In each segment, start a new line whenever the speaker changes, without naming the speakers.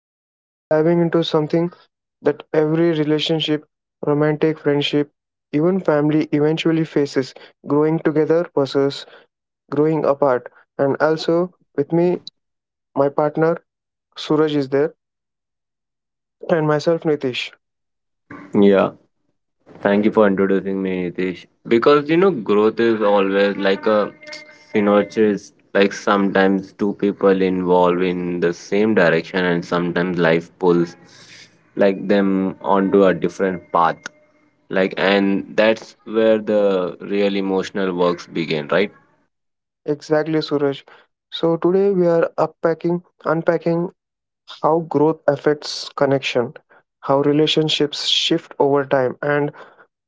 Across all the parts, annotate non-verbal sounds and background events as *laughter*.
Today we are diving into something that every relationship, romantic friendship, even family eventually faces: growing together versus growing apart. And also with me, my partner Suraj is there, and myself Nitish.
Yeah, thank you for introducing me, Nitish. Because you know, growth is always like a synergist. Like sometimes two people involve in the same direction, and sometimes life pulls them onto a different path. And that's where the real emotional works begin, right?
Exactly, Suraj. So today we are unpacking how growth affects connection, how relationships shift over time, and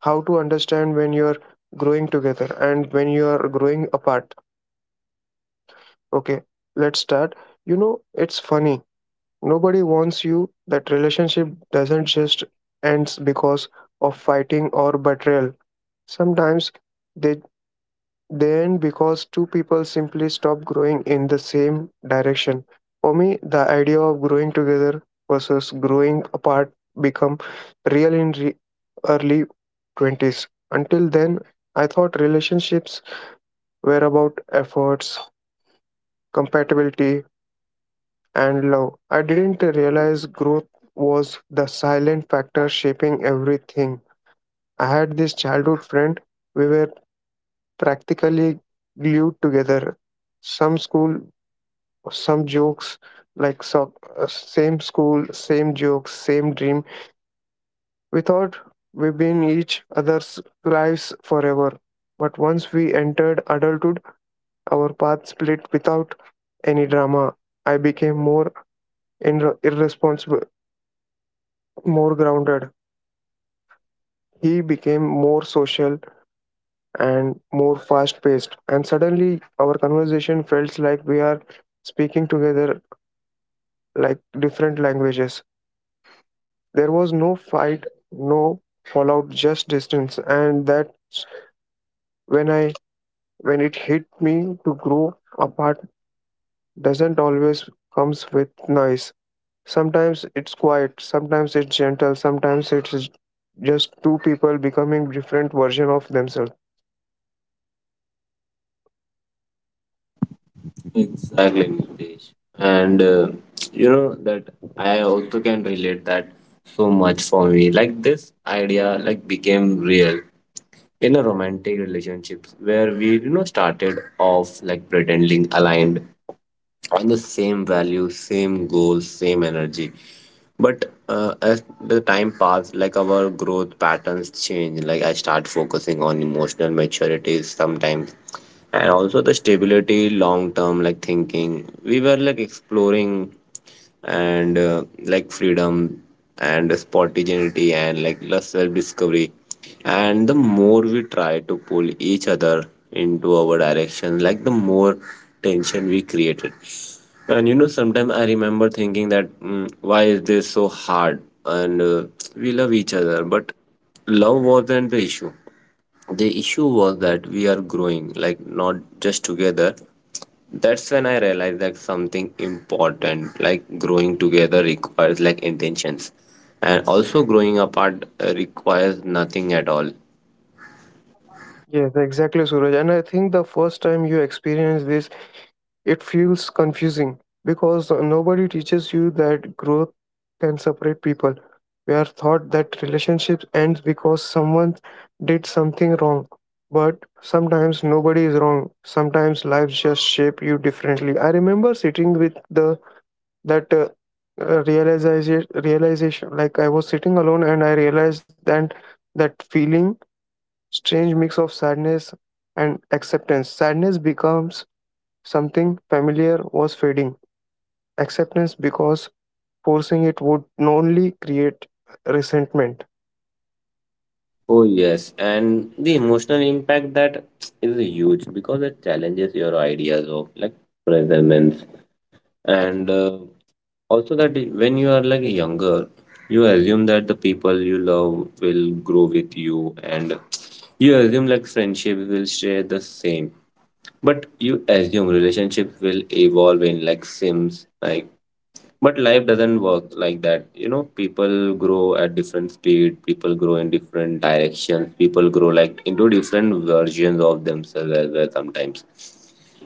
how to understand when you're growing together and when you're growing apart. Okay, let's start. You know, it's funny. Nobody wants you that relationship doesn't just ends because of fighting or betrayal. Sometimes they they end because two people simply stop growing in the same direction. For me, the idea of growing together versus growing apart become real in early 20s. Until then, I thought relationships were about efforts, compatibility, and love. I didn't realize growth was the silent factor shaping everything. I had this childhood friend, we were practically glued together. Some school, some jokes, same school, same jokes, same dream. We thought we've been each other's lives forever. But once we entered adulthood, our paths split without any drama. I became more irresponsible, more grounded. He became more social and more fast paced. And suddenly, our conversation felt like we are speaking together like different languages. There was no fight, no fallout, just distance. And that's when I when it hit me, to grow apart doesn't always comes with noise. Sometimes it's quiet, sometimes it's gentle, sometimes it's just two people becoming different version of themselves.
Exactly, Nitish. And you know that I also can relate that so much for me. Like this idea, like became real in a romantic relationship where we, you know, started off like pretending aligned on the same values, same goals, same energy, but as the time passed, like our growth patterns change, like I start focusing on emotional maturity sometimes, and also the stability long term, like thinking we were like exploring and like freedom and spontaneity and like less self discovery. And the more we try to pull each other into our direction, like the more tension we created. And you know, sometimes I remember thinking that why is this so hard? And we love each other, but love wasn't the issue. The issue was that we are growing like not just together. That's when I realized that something important, like growing together, requires like intentions, and also growing apart requires nothing at all.
Yes, exactly, Suraj. And I think the first time you experience this, it feels confusing because nobody teaches you that growth can separate people. We are taught that relationships end because someone did something wrong. But sometimes nobody is wrong. Sometimes lives just shape you differently. I remember sitting with the that realization realization like I was sitting alone and I realized that that feeling, strange mix of sadness and acceptance. Sadness becomes something familiar was fading, acceptance because forcing it would only create resentment.
Oh yes, and the emotional impact that is huge because it challenges your ideas of like presence, and also that when you are like younger, you assume that the people you love will grow with you, and you assume like friendships will stay the same. But you assume relationships will evolve in like Sims, like but life doesn't work like that. You know, people grow at different speed, people grow in different directions, people grow like into different versions of themselves as well sometimes.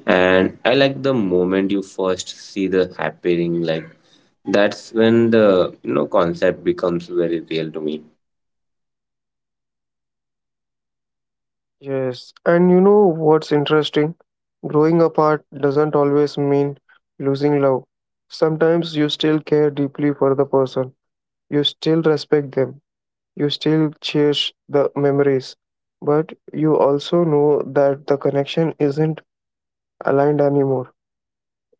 And I like the moment you first see the happening, like that's when the you know concept becomes very real to me.
Yes, and you know what's interesting, growing apart doesn't always mean losing love. Sometimes you still care deeply for the person, you still respect them, you still cherish the memories, but you also know that the connection isn't aligned anymore.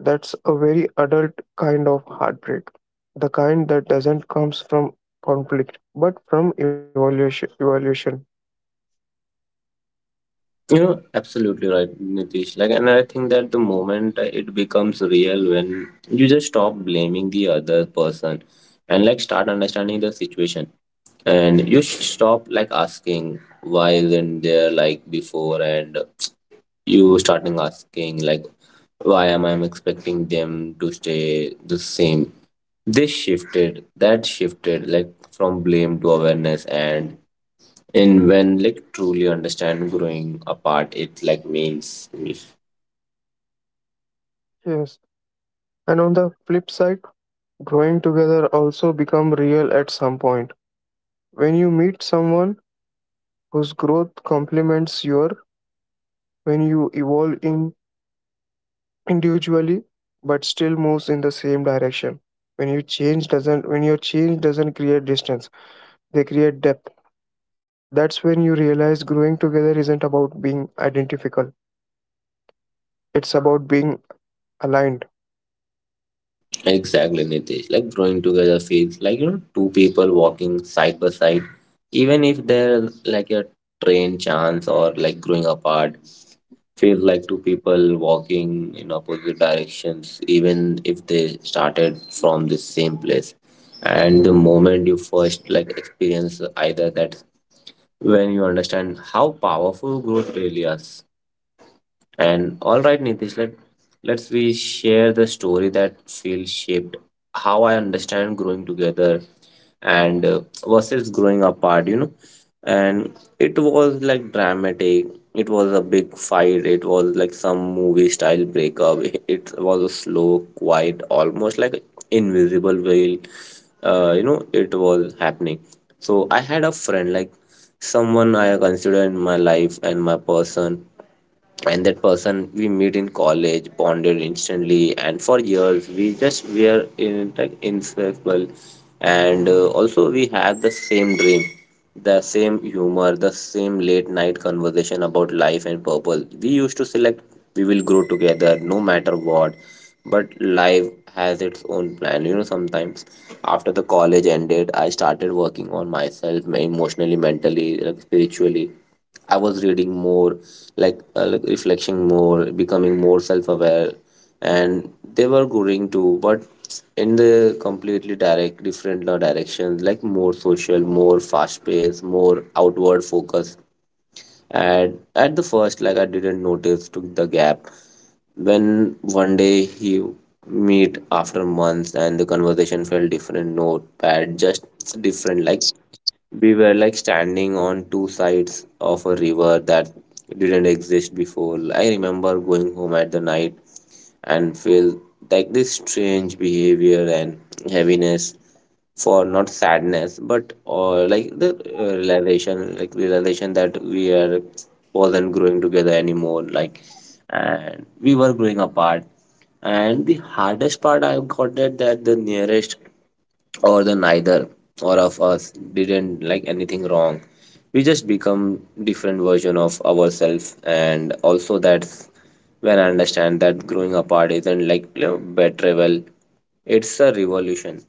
That's a very adult kind of heartbreak, the kind that doesn't comes from conflict but from evolution. Evolution.
You know, absolutely right, Nitish. Like, and I think that the moment it becomes real when you just stop blaming the other person and like start understanding the situation, and you stop like asking why isn't there like before, and you starting asking like why am I expecting them to stay the same? This shifted, that shifted, like from blame to awareness, and in when like truly understand growing apart, it like means.
Yes. And on the flip side, growing together also become real at some point. When you meet someone whose growth complements your, when you evolve in individually but still moves in the same direction, when your change doesn't create distance, they create depth. That's when you realize growing together isn't about being identical, it's about being aligned.
Exactly, Nitish. Like growing together feels like, you know, two people walking side by side, even if there's like a train chance or like growing apart. Feels like two people walking in opposite directions, even if they started from the same place. And the moment you first like experience either that, when you understand how powerful growth really is. And all right, Nitish, let's we share the story that feels shaped how I understand growing together and versus growing apart. You know, and it was like dramatic. It was a big fight. It was like some movie style breakup. *laughs* It was a slow, quiet, almost like invisible veil. You know, it was happening. So I had a friend like someone I consider in my life and my person, and that person we meet in college, bonded instantly, and for years we just we are in like inseparable. And also we had the same dream, the same humor, the same late night conversation about life and purpose. We used to select we will grow together no matter what. But life has its own plan, you know. Sometimes after the college ended, I started working on myself, emotionally, mentally, like spiritually. I was reading more, like reflecting more, becoming more self-aware, and they were growing too, but in the completely direct, different directions, like more social, more fast-paced, more outward focus. And at the first, like I didn't notice took the gap. When one day he meet after months and the conversation felt different, not bad, just different, like we were like standing on two sides of a river that didn't exist before. I remember going home at the night and feel like this strange behavior and heaviness for not sadness but or like the realization that we are wasn't growing together anymore, like and we were growing apart. And the hardest part I got it that the nearest or the neither or of us didn't like anything wrong. We just become different version of ourselves, and also that's when I understand that growing apart isn't like, you know, betrayal. It's a revolution.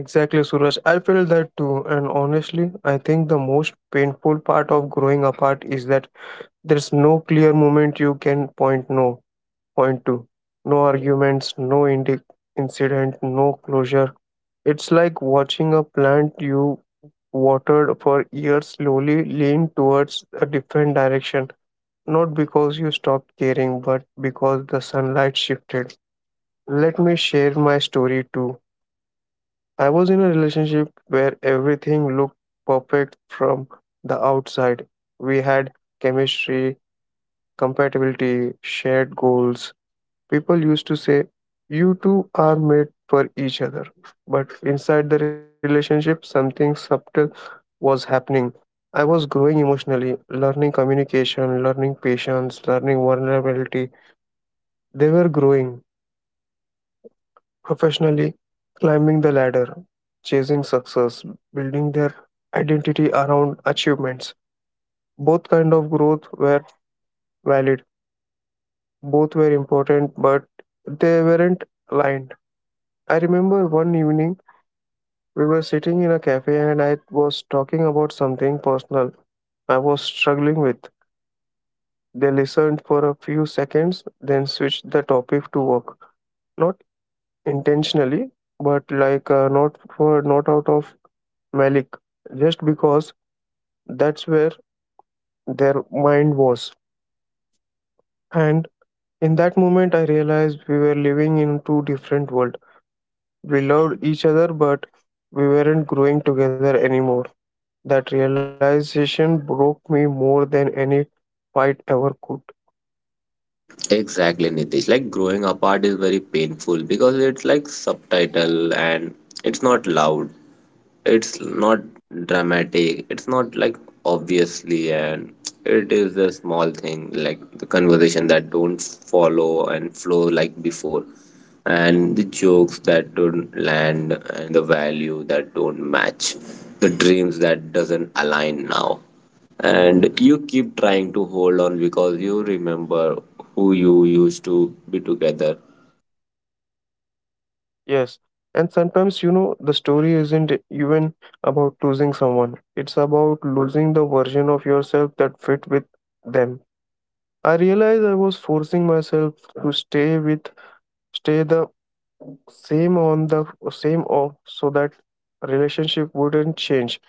Exactly, Suraj, I feel that too. And honestly, I think the most painful part of growing apart is that there's no clear moment you can point no point to, no arguments, no incident, no closure. It's like watching a plant you watered for years slowly leaned towards a different direction, not because you stopped caring, but because the sunlight shifted. Let me share my story too. I was in a relationship where everything looked perfect from the outside. We had chemistry, compatibility, shared goals. People used to say, "You two are made for each other." But inside the relationship, something subtle was happening. I was growing emotionally, learning communication, learning patience, learning vulnerability. They were growing professionally, climbing the ladder, chasing success, building their identity around achievements. Both kind of growth were valid. Both were important, but they weren't aligned. I remember one evening we were sitting in a cafe and I was talking about something personal I was struggling with. They listened for a few seconds, then switched the topic to work. Not intentionally, but not for not out of malice, just because that's where their mind was. And in that moment, I realized we were living in two different worlds. We loved each other, but we weren't growing together anymore. That realization broke me more than any fight ever could.
Exactly, Nitish. Like growing apart is very painful because it's like subtitle and it's not loud. It's not dramatic, it's not like obviously, and it is a small thing like the conversation that don't follow and flow like before, and the jokes that don't land, and the value that don't match, the dreams that doesn't align now. And you keep trying to hold on because you remember who you used to be together.
Yes, and sometimes, you know, the story isn't even about losing someone, it's about losing the version of yourself that fit with them. I realized I was forcing myself to stay with stay the same on the same off so that relationship wouldn't change.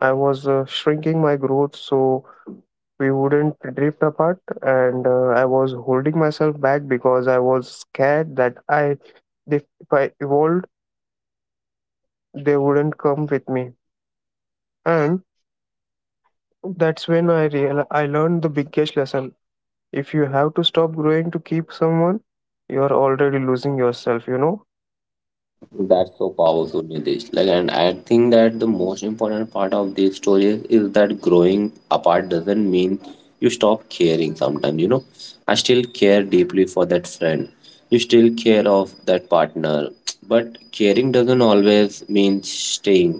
I was shrinking my growth so we wouldn't drift apart, and I was holding myself back because I was scared that I if I evolved they wouldn't come with me. And that's when I learned the biggest lesson. If you have to stop growing to keep someone, you are already losing yourself, you know?
That's so powerful, Nitish. Like, and I think that the most important part of these stories is that growing apart doesn't mean you stop caring. Sometimes, you know, I still care deeply for that friend. You still care of that partner, but caring doesn't always mean staying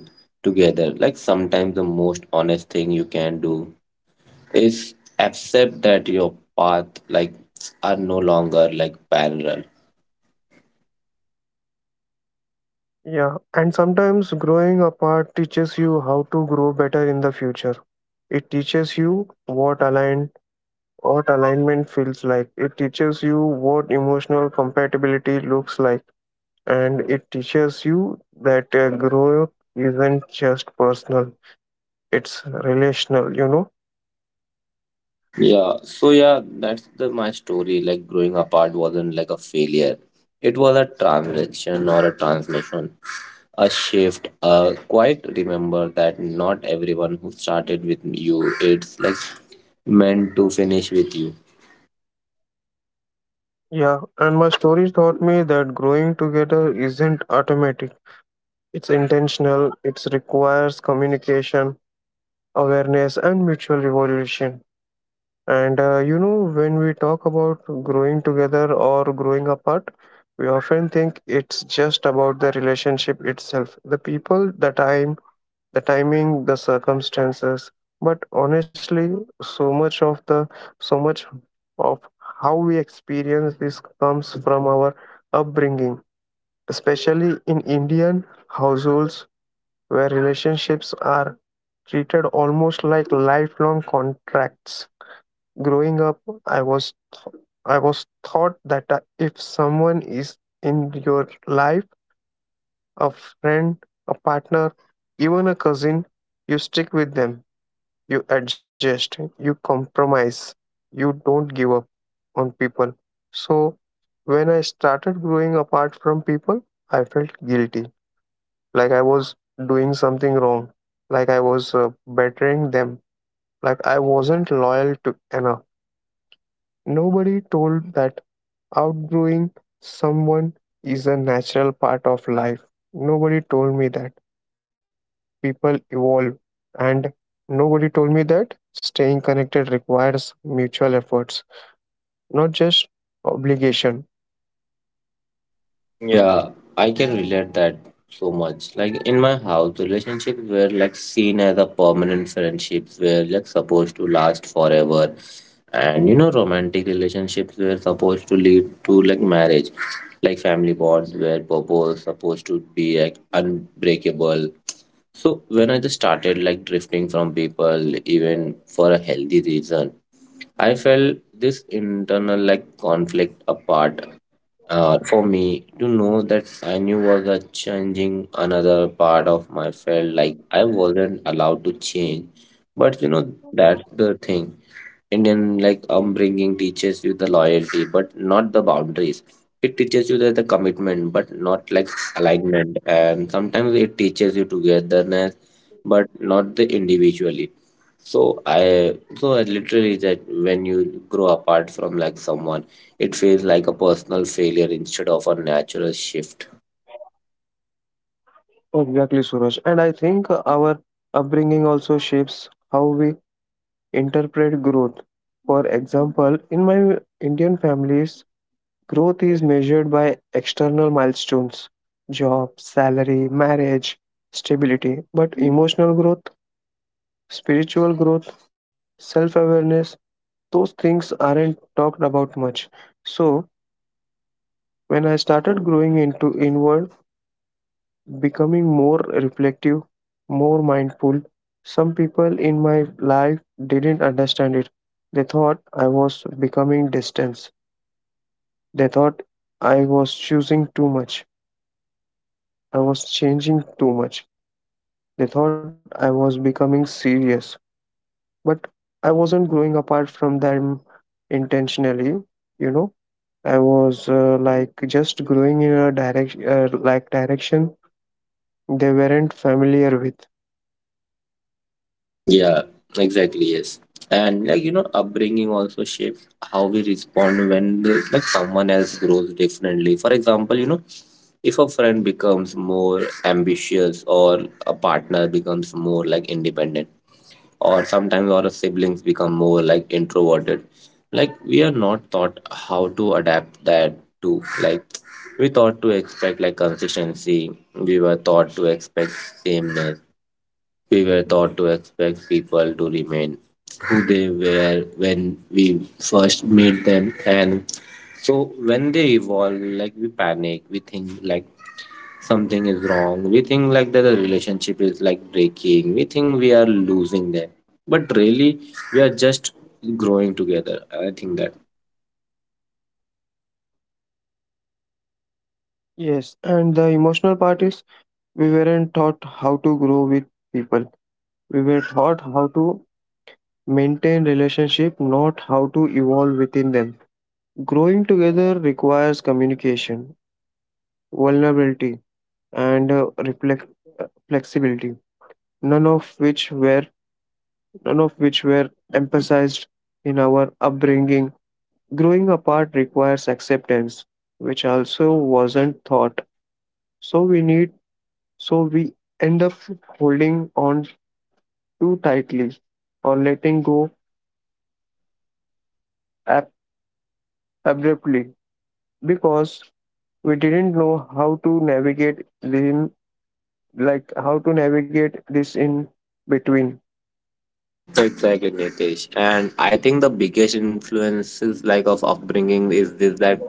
together. Like sometimes the most honest thing you can do is accept that your path like are no longer like parallel.
Yeah. And sometimes growing apart teaches you how to grow better in the future. It teaches you what alignment feels like. It teaches you what emotional compatibility looks like. And it teaches you that growth isn't just personal, it's relational, you know?
Yeah, so yeah, that's the my story. Like growing apart wasn't like a failure. It was a transaction or a transmission, a shift. Quite remember that not everyone who started with you, it's like meant to finish with you.
Yeah, and my stories taught me that growing together isn't automatic. It's intentional, it requires communication, awareness, and mutual evolution. And you know, when we talk about growing together or growing apart, we often think it's just about the relationship itself, the people, the time, the timing, the circumstances. But honestly, so much of the so much of how we experience this comes from our upbringing, especially in Indian households where relationships are treated almost like lifelong contracts. Growing up, I was th- I was taught that if someone is in your life, a friend, a partner, even a cousin, you stick with them, you adjust, you compromise, you don't give up on people. So, when I started growing apart from people, I felt guilty, like I was doing something wrong, like I was bettering them, like I wasn't loyal to enough. Nobody told that outgrowing someone is a natural part of life. Nobody told me that people evolve, and nobody told me that staying connected requires mutual efforts, not just obligation.
Yeah, I can relate that so much. Like in my house, relationships were like seen as a permanent, friendships were like supposed to last forever. And you know, romantic relationships were supposed to lead to like marriage. Like family bonds were purpose supposed to be like unbreakable. So when I just started like drifting from people, even for a healthy reason. I felt this internal like conflict apart for me to know that I knew was a changing another part of my felt like I wasn't allowed to change. But you know, that's the thing. Indian like upbringing teaches you the loyalty, but not the boundaries. It teaches you that the commitment, but not like alignment. And sometimes it teaches you togetherness, but not the individually. So I literally that when you grow apart from like someone, it feels like a personal failure instead of a natural shift.
Exactly, Suraj. And I think our upbringing also shapes how we interpret growth. For example, in my Indian families, growth is measured by external milestones: job, salary, marriage, stability. But emotional growth, spiritual growth, self awareness, those things aren't talked about much. So, when I started growing into inward, becoming more reflective, more mindful, some people in my life didn't understand it. They thought I was becoming distant. They thought I was choosing too much. I was changing too much. They thought I was becoming serious. But I wasn't growing apart from them intentionally, you know. I was like just growing in a direction they weren't familiar with.
Yeah, exactly. Yes, and like you know, upbringing also shapes how we respond when the, like someone else grows differently. For example, you know, if a friend becomes more ambitious, or a partner becomes more like independent, or sometimes our siblings become more like introverted, like we are not taught how to adapt that to like we thought to expect like consistency. We were taught to expect sameness, we were taught to expect people to remain who they were when we first meet them, and so when they evolve, like we panic, we think like something is wrong, we think like that the relationship is like breaking, we think we are losing them, but really we are just growing together. I think that.
Yes, and the emotional part is we weren't taught how to grow with people. We were taught how to maintain relationship, not how to evolve within them. Growing together requires communication, vulnerability, and reflect flexibility. None of which were None of which were emphasized in our upbringing. Growing apart requires acceptance, which also wasn't thought. So we need, so we end up holding on too tightly or letting go ab- abruptly because we didn't know how to navigate them, like how to navigate this in between.
Exactly, Nitesh. And I think the biggest influences like of upbringing is this that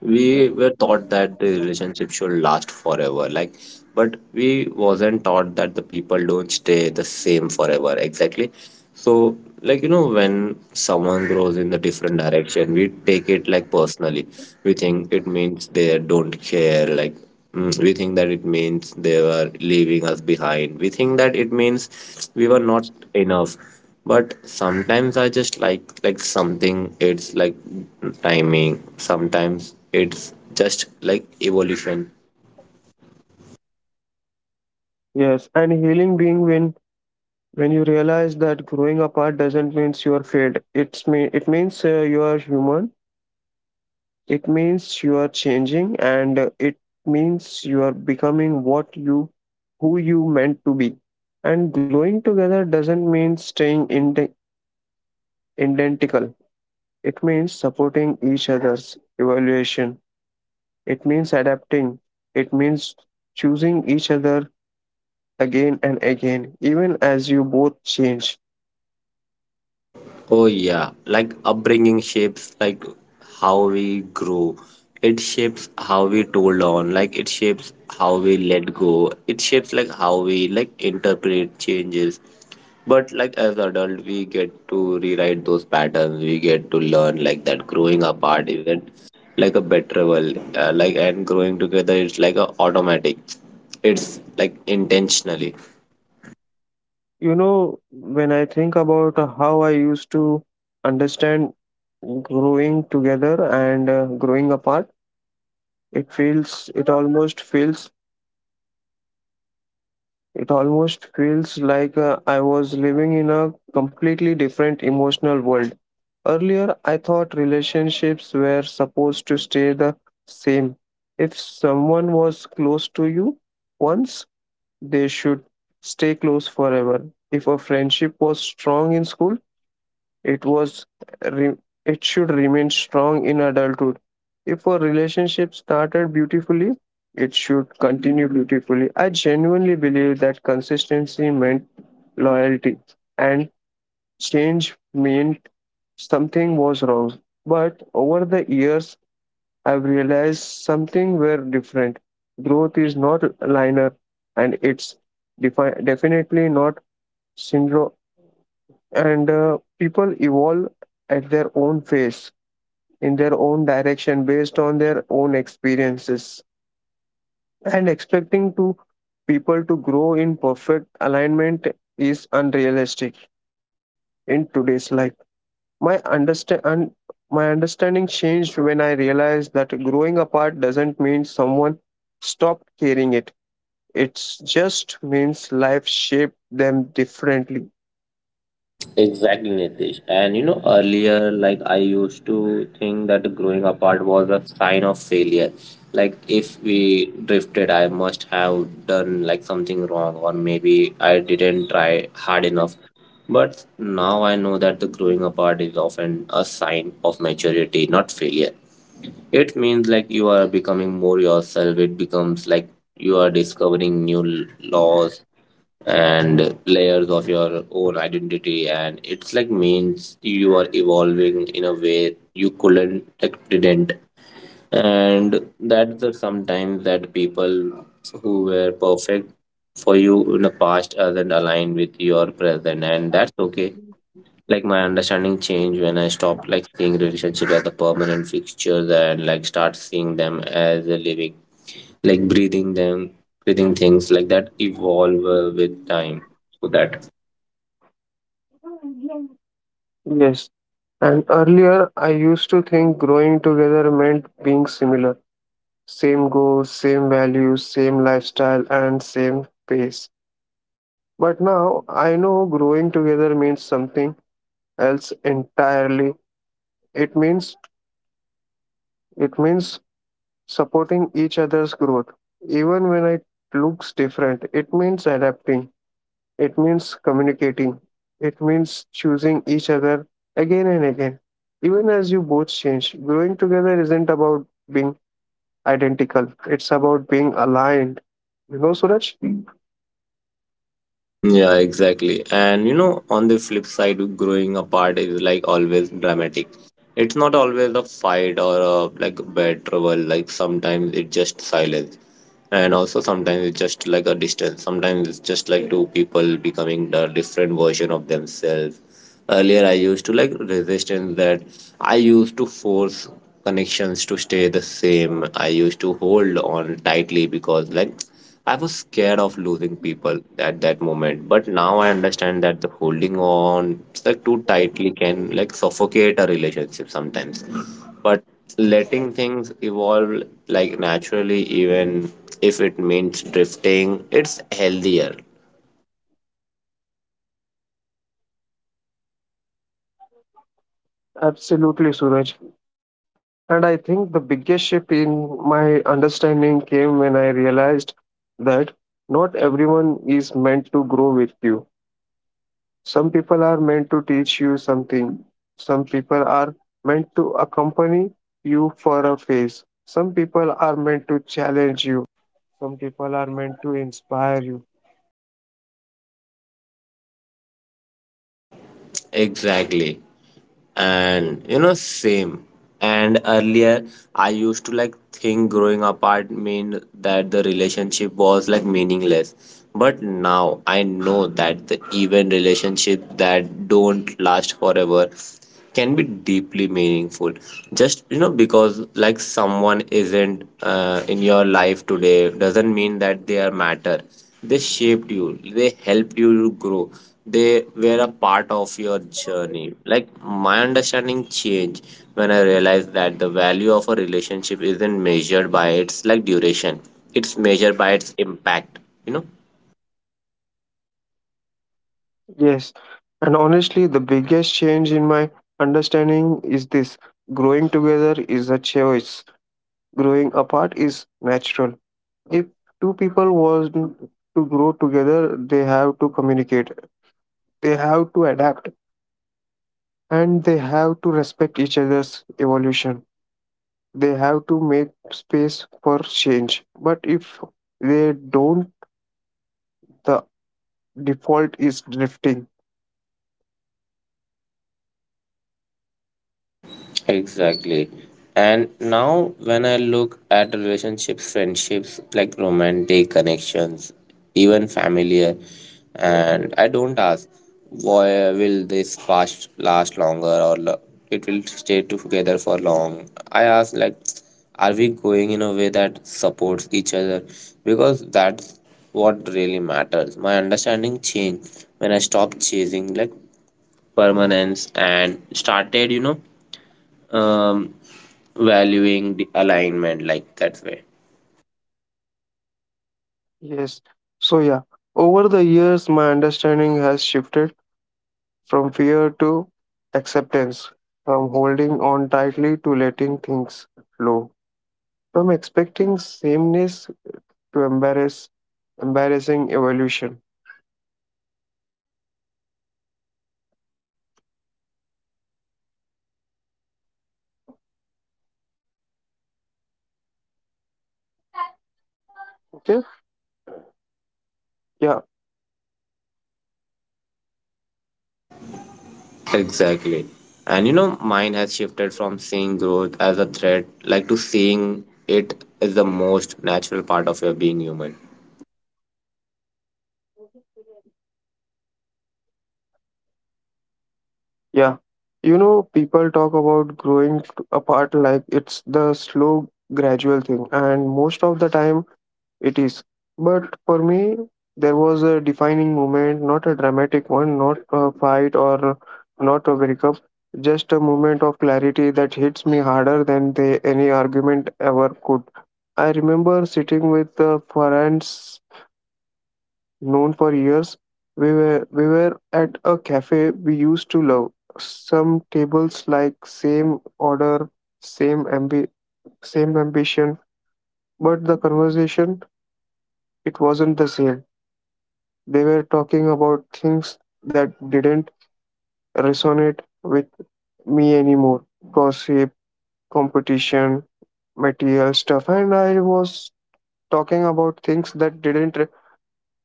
we were taught that the relationship should last forever. Like, but we wasn't taught that the people don't stay the same forever. Exactly. So like you know, when someone grows in the different direction, we take it like personally. We think it means they don't care, like we think that it means they were leaving us behind, we think that it means we were not enough. But sometimes I just like something it's like timing, sometimes it's just like evolution.
Yes, and healing being when you realize that growing apart doesn't mean you're failed. It means you are human. It means you are changing, and it means you are becoming what you who you meant to be. And growing together doesn't mean staying identical. It means supporting each other's evaluation. It means adapting. It means choosing each other again and again, even as you both change.
Oh yeah, like upbringing shapes like how we grow. It shapes how we told on, like it shapes how we let go. It shapes like how we like interpret changes. But like as adult, we get to rewrite those patterns. We get to learn like that growing apart isn't like a betrayal. Like and growing together, it's like a automatic. It's like intentionally.
You know, when I think about how I used to understand growing together and growing apart, It feels, it almost feels, it almost feels like I was living in a completely different emotional world. Earlier, I thought relationships were supposed to stay the same. If someone was close to you once, they should stay close forever. If a friendship was strong in school, It was re- it should remain strong in adulthood. If a relationship started beautifully, it should continue beautifully. I genuinely believe that consistency meant loyalty and change meant something was wrong. But over the years, I've realized something were different. Growth is not linear, and it's definitely not syndrome. And people evolve at their own pace in their own direction based on their own experiences, and expecting to people to grow in perfect alignment is unrealistic in today's life. my understand and my understanding changed when I realized that growing apart doesn't mean someone stopped caring, it just means life shaped them differently.
Exactly, Nitish. And you know, earlier, like I used to think that growing apart was a sign of failure. Like if we drifted, I must have done like something wrong, or maybe I didn't try hard enough. But now I know that the growing apart is often a sign of maturity, not failure. It means like you are becoming more yourself. It becomes like you are discovering new laws and layers of your own identity, and it's like means you are evolving in a way you couldn't like, didn't. And that's the sometimes that people who were perfect for you in the past aren't aligned with your present, and that's okay. Like my understanding changed when I stopped like seeing relationship as a permanent fixture and like start seeing them as a living, like breathing them, breathing things like that evolve with time. So that.
Yes, and earlier I used to think growing together meant being similar. Same goals, same values, same lifestyle, and same pace. But now I know growing together means something else entirely. It means it means supporting each other's growth, even when it looks different. It means adapting. It means communicating. It means choosing each other again and again. Even as you both change, growing together isn't about being identical. It's about being aligned. You know, Suraj?
Yeah, exactly. And you know, on the flip side, growing apart is like always dramatic. It's not always a fight or a, like bad trouble. Like sometimes it's just silence, and also sometimes it's just like a distance. Sometimes it's just like two people becoming the different version of themselves. Earlier, I used to like resistance that I used to force connections to stay the same. I used to hold on tightly because like I was scared of losing people at that moment. But now I understand that the holding on like too tightly can like suffocate a relationship sometimes. But letting things evolve like naturally, even if it means drifting, it's healthier.
Absolutely, Suraj. And I think the biggest shift in my understanding came when I realized that not everyone is meant to grow with you. Some people are meant to teach you something, some people are meant to accompany you for a phase, some people are meant to challenge.
Exactly. And you know same, and earlier I used to like think growing apart mean that the relationship was like meaningless. But now I know that the even relationship that don't last forever can be deeply meaningful. Just you know because like someone isn't in your life today doesn't mean that they are matter. They shaped you, they helped you to grow, they were a part of your journey. Like my understanding changed when I realized that the value of a relationship isn't measured by its like duration. It's measured by its impact, you know.
Yes, and honestly, the biggest change in my understanding is this: growing together is a choice, growing apart is natural. If two people want to grow together, they have to communicate, they have to adapt, and they have to respect each other's evolution. They have to make space for change. But if they don't, the default is drifting.
Exactly. And now, when I look at relationships, friendships, like romantic connections, even familiar, and I don't ask, why will this past last longer or it will stay together for long? I ask, like, are we going in a way that supports each other? Because that's what really matters. My understanding changed when I stopped chasing, like, permanence and started, you know, um, valuing the alignment like that way.
Yes. So, yeah, over the years, my understanding has shifted from fear to acceptance, from holding on tightly to letting things flow, from expecting sameness to embarrassing evolution. Okay. Yeah.
Exactly. And you know, mine has shifted from seeing growth as a threat, like to seeing it as the most natural part of your being human.
Yeah. You know, people talk about growing apart like it's the slow, gradual thing, and most of the time it is. But for me, there was a defining moment, not a dramatic one, not a fight or not a breakup, just a moment of clarity that hits me harder than they, any argument ever could. I remember sitting with friends known for years. We were at a cafe we used to love. Some tables, like same order, same same ambition, but the conversation, it wasn't the same. They were talking about things that didn't resonate with me anymore. Gossip, competition, material stuff, and I was talking about things that didn't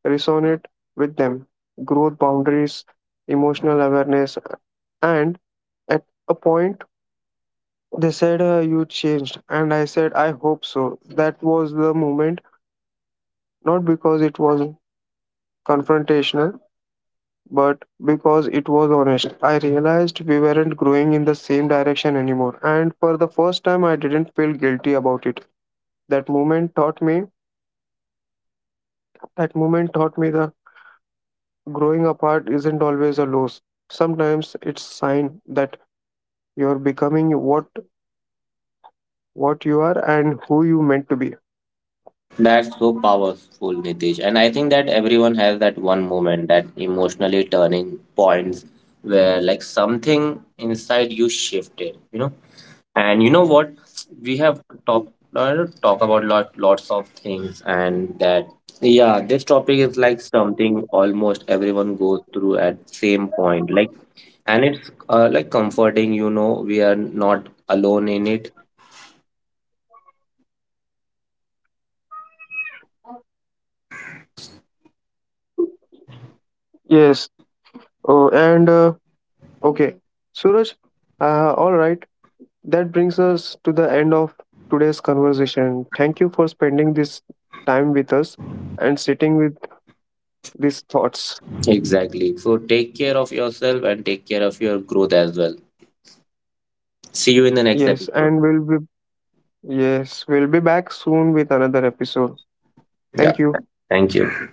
resonate with them. Growth, boundaries, emotional awareness. And at a point, they said, "You changed." And I said, "I hope so." That was the moment, not because it was confrontational, but because it was honest. I realized we weren't growing in the same direction anymore. And for the first time, I didn't feel guilty about it. That moment taught me, that moment taught me that growing apart isn't always a loss. Sometimes it's sign that you're becoming what you are and who you meant to be.
That's so powerful, Nitish. And I think that everyone has that one moment, that emotionally turning points where like something inside you shifted, you know. And you know what? We have talked talk about lots of things, and that, yeah, this topic is like something almost everyone goes through at same point. Like and it's like comforting, you know, we are not alone in it.
Yes. Oh, and okay, Suraj, all right. That brings us to the end of today's conversation. Thank you for spending this time with us and sitting with these thoughts.
Exactly. So take care of yourself and take care of your growth as well. See you in the next
Yes,
episode.
and we'll be yes, we'll be back soon with another episode.
Yeah.
Thank you.
Thank you.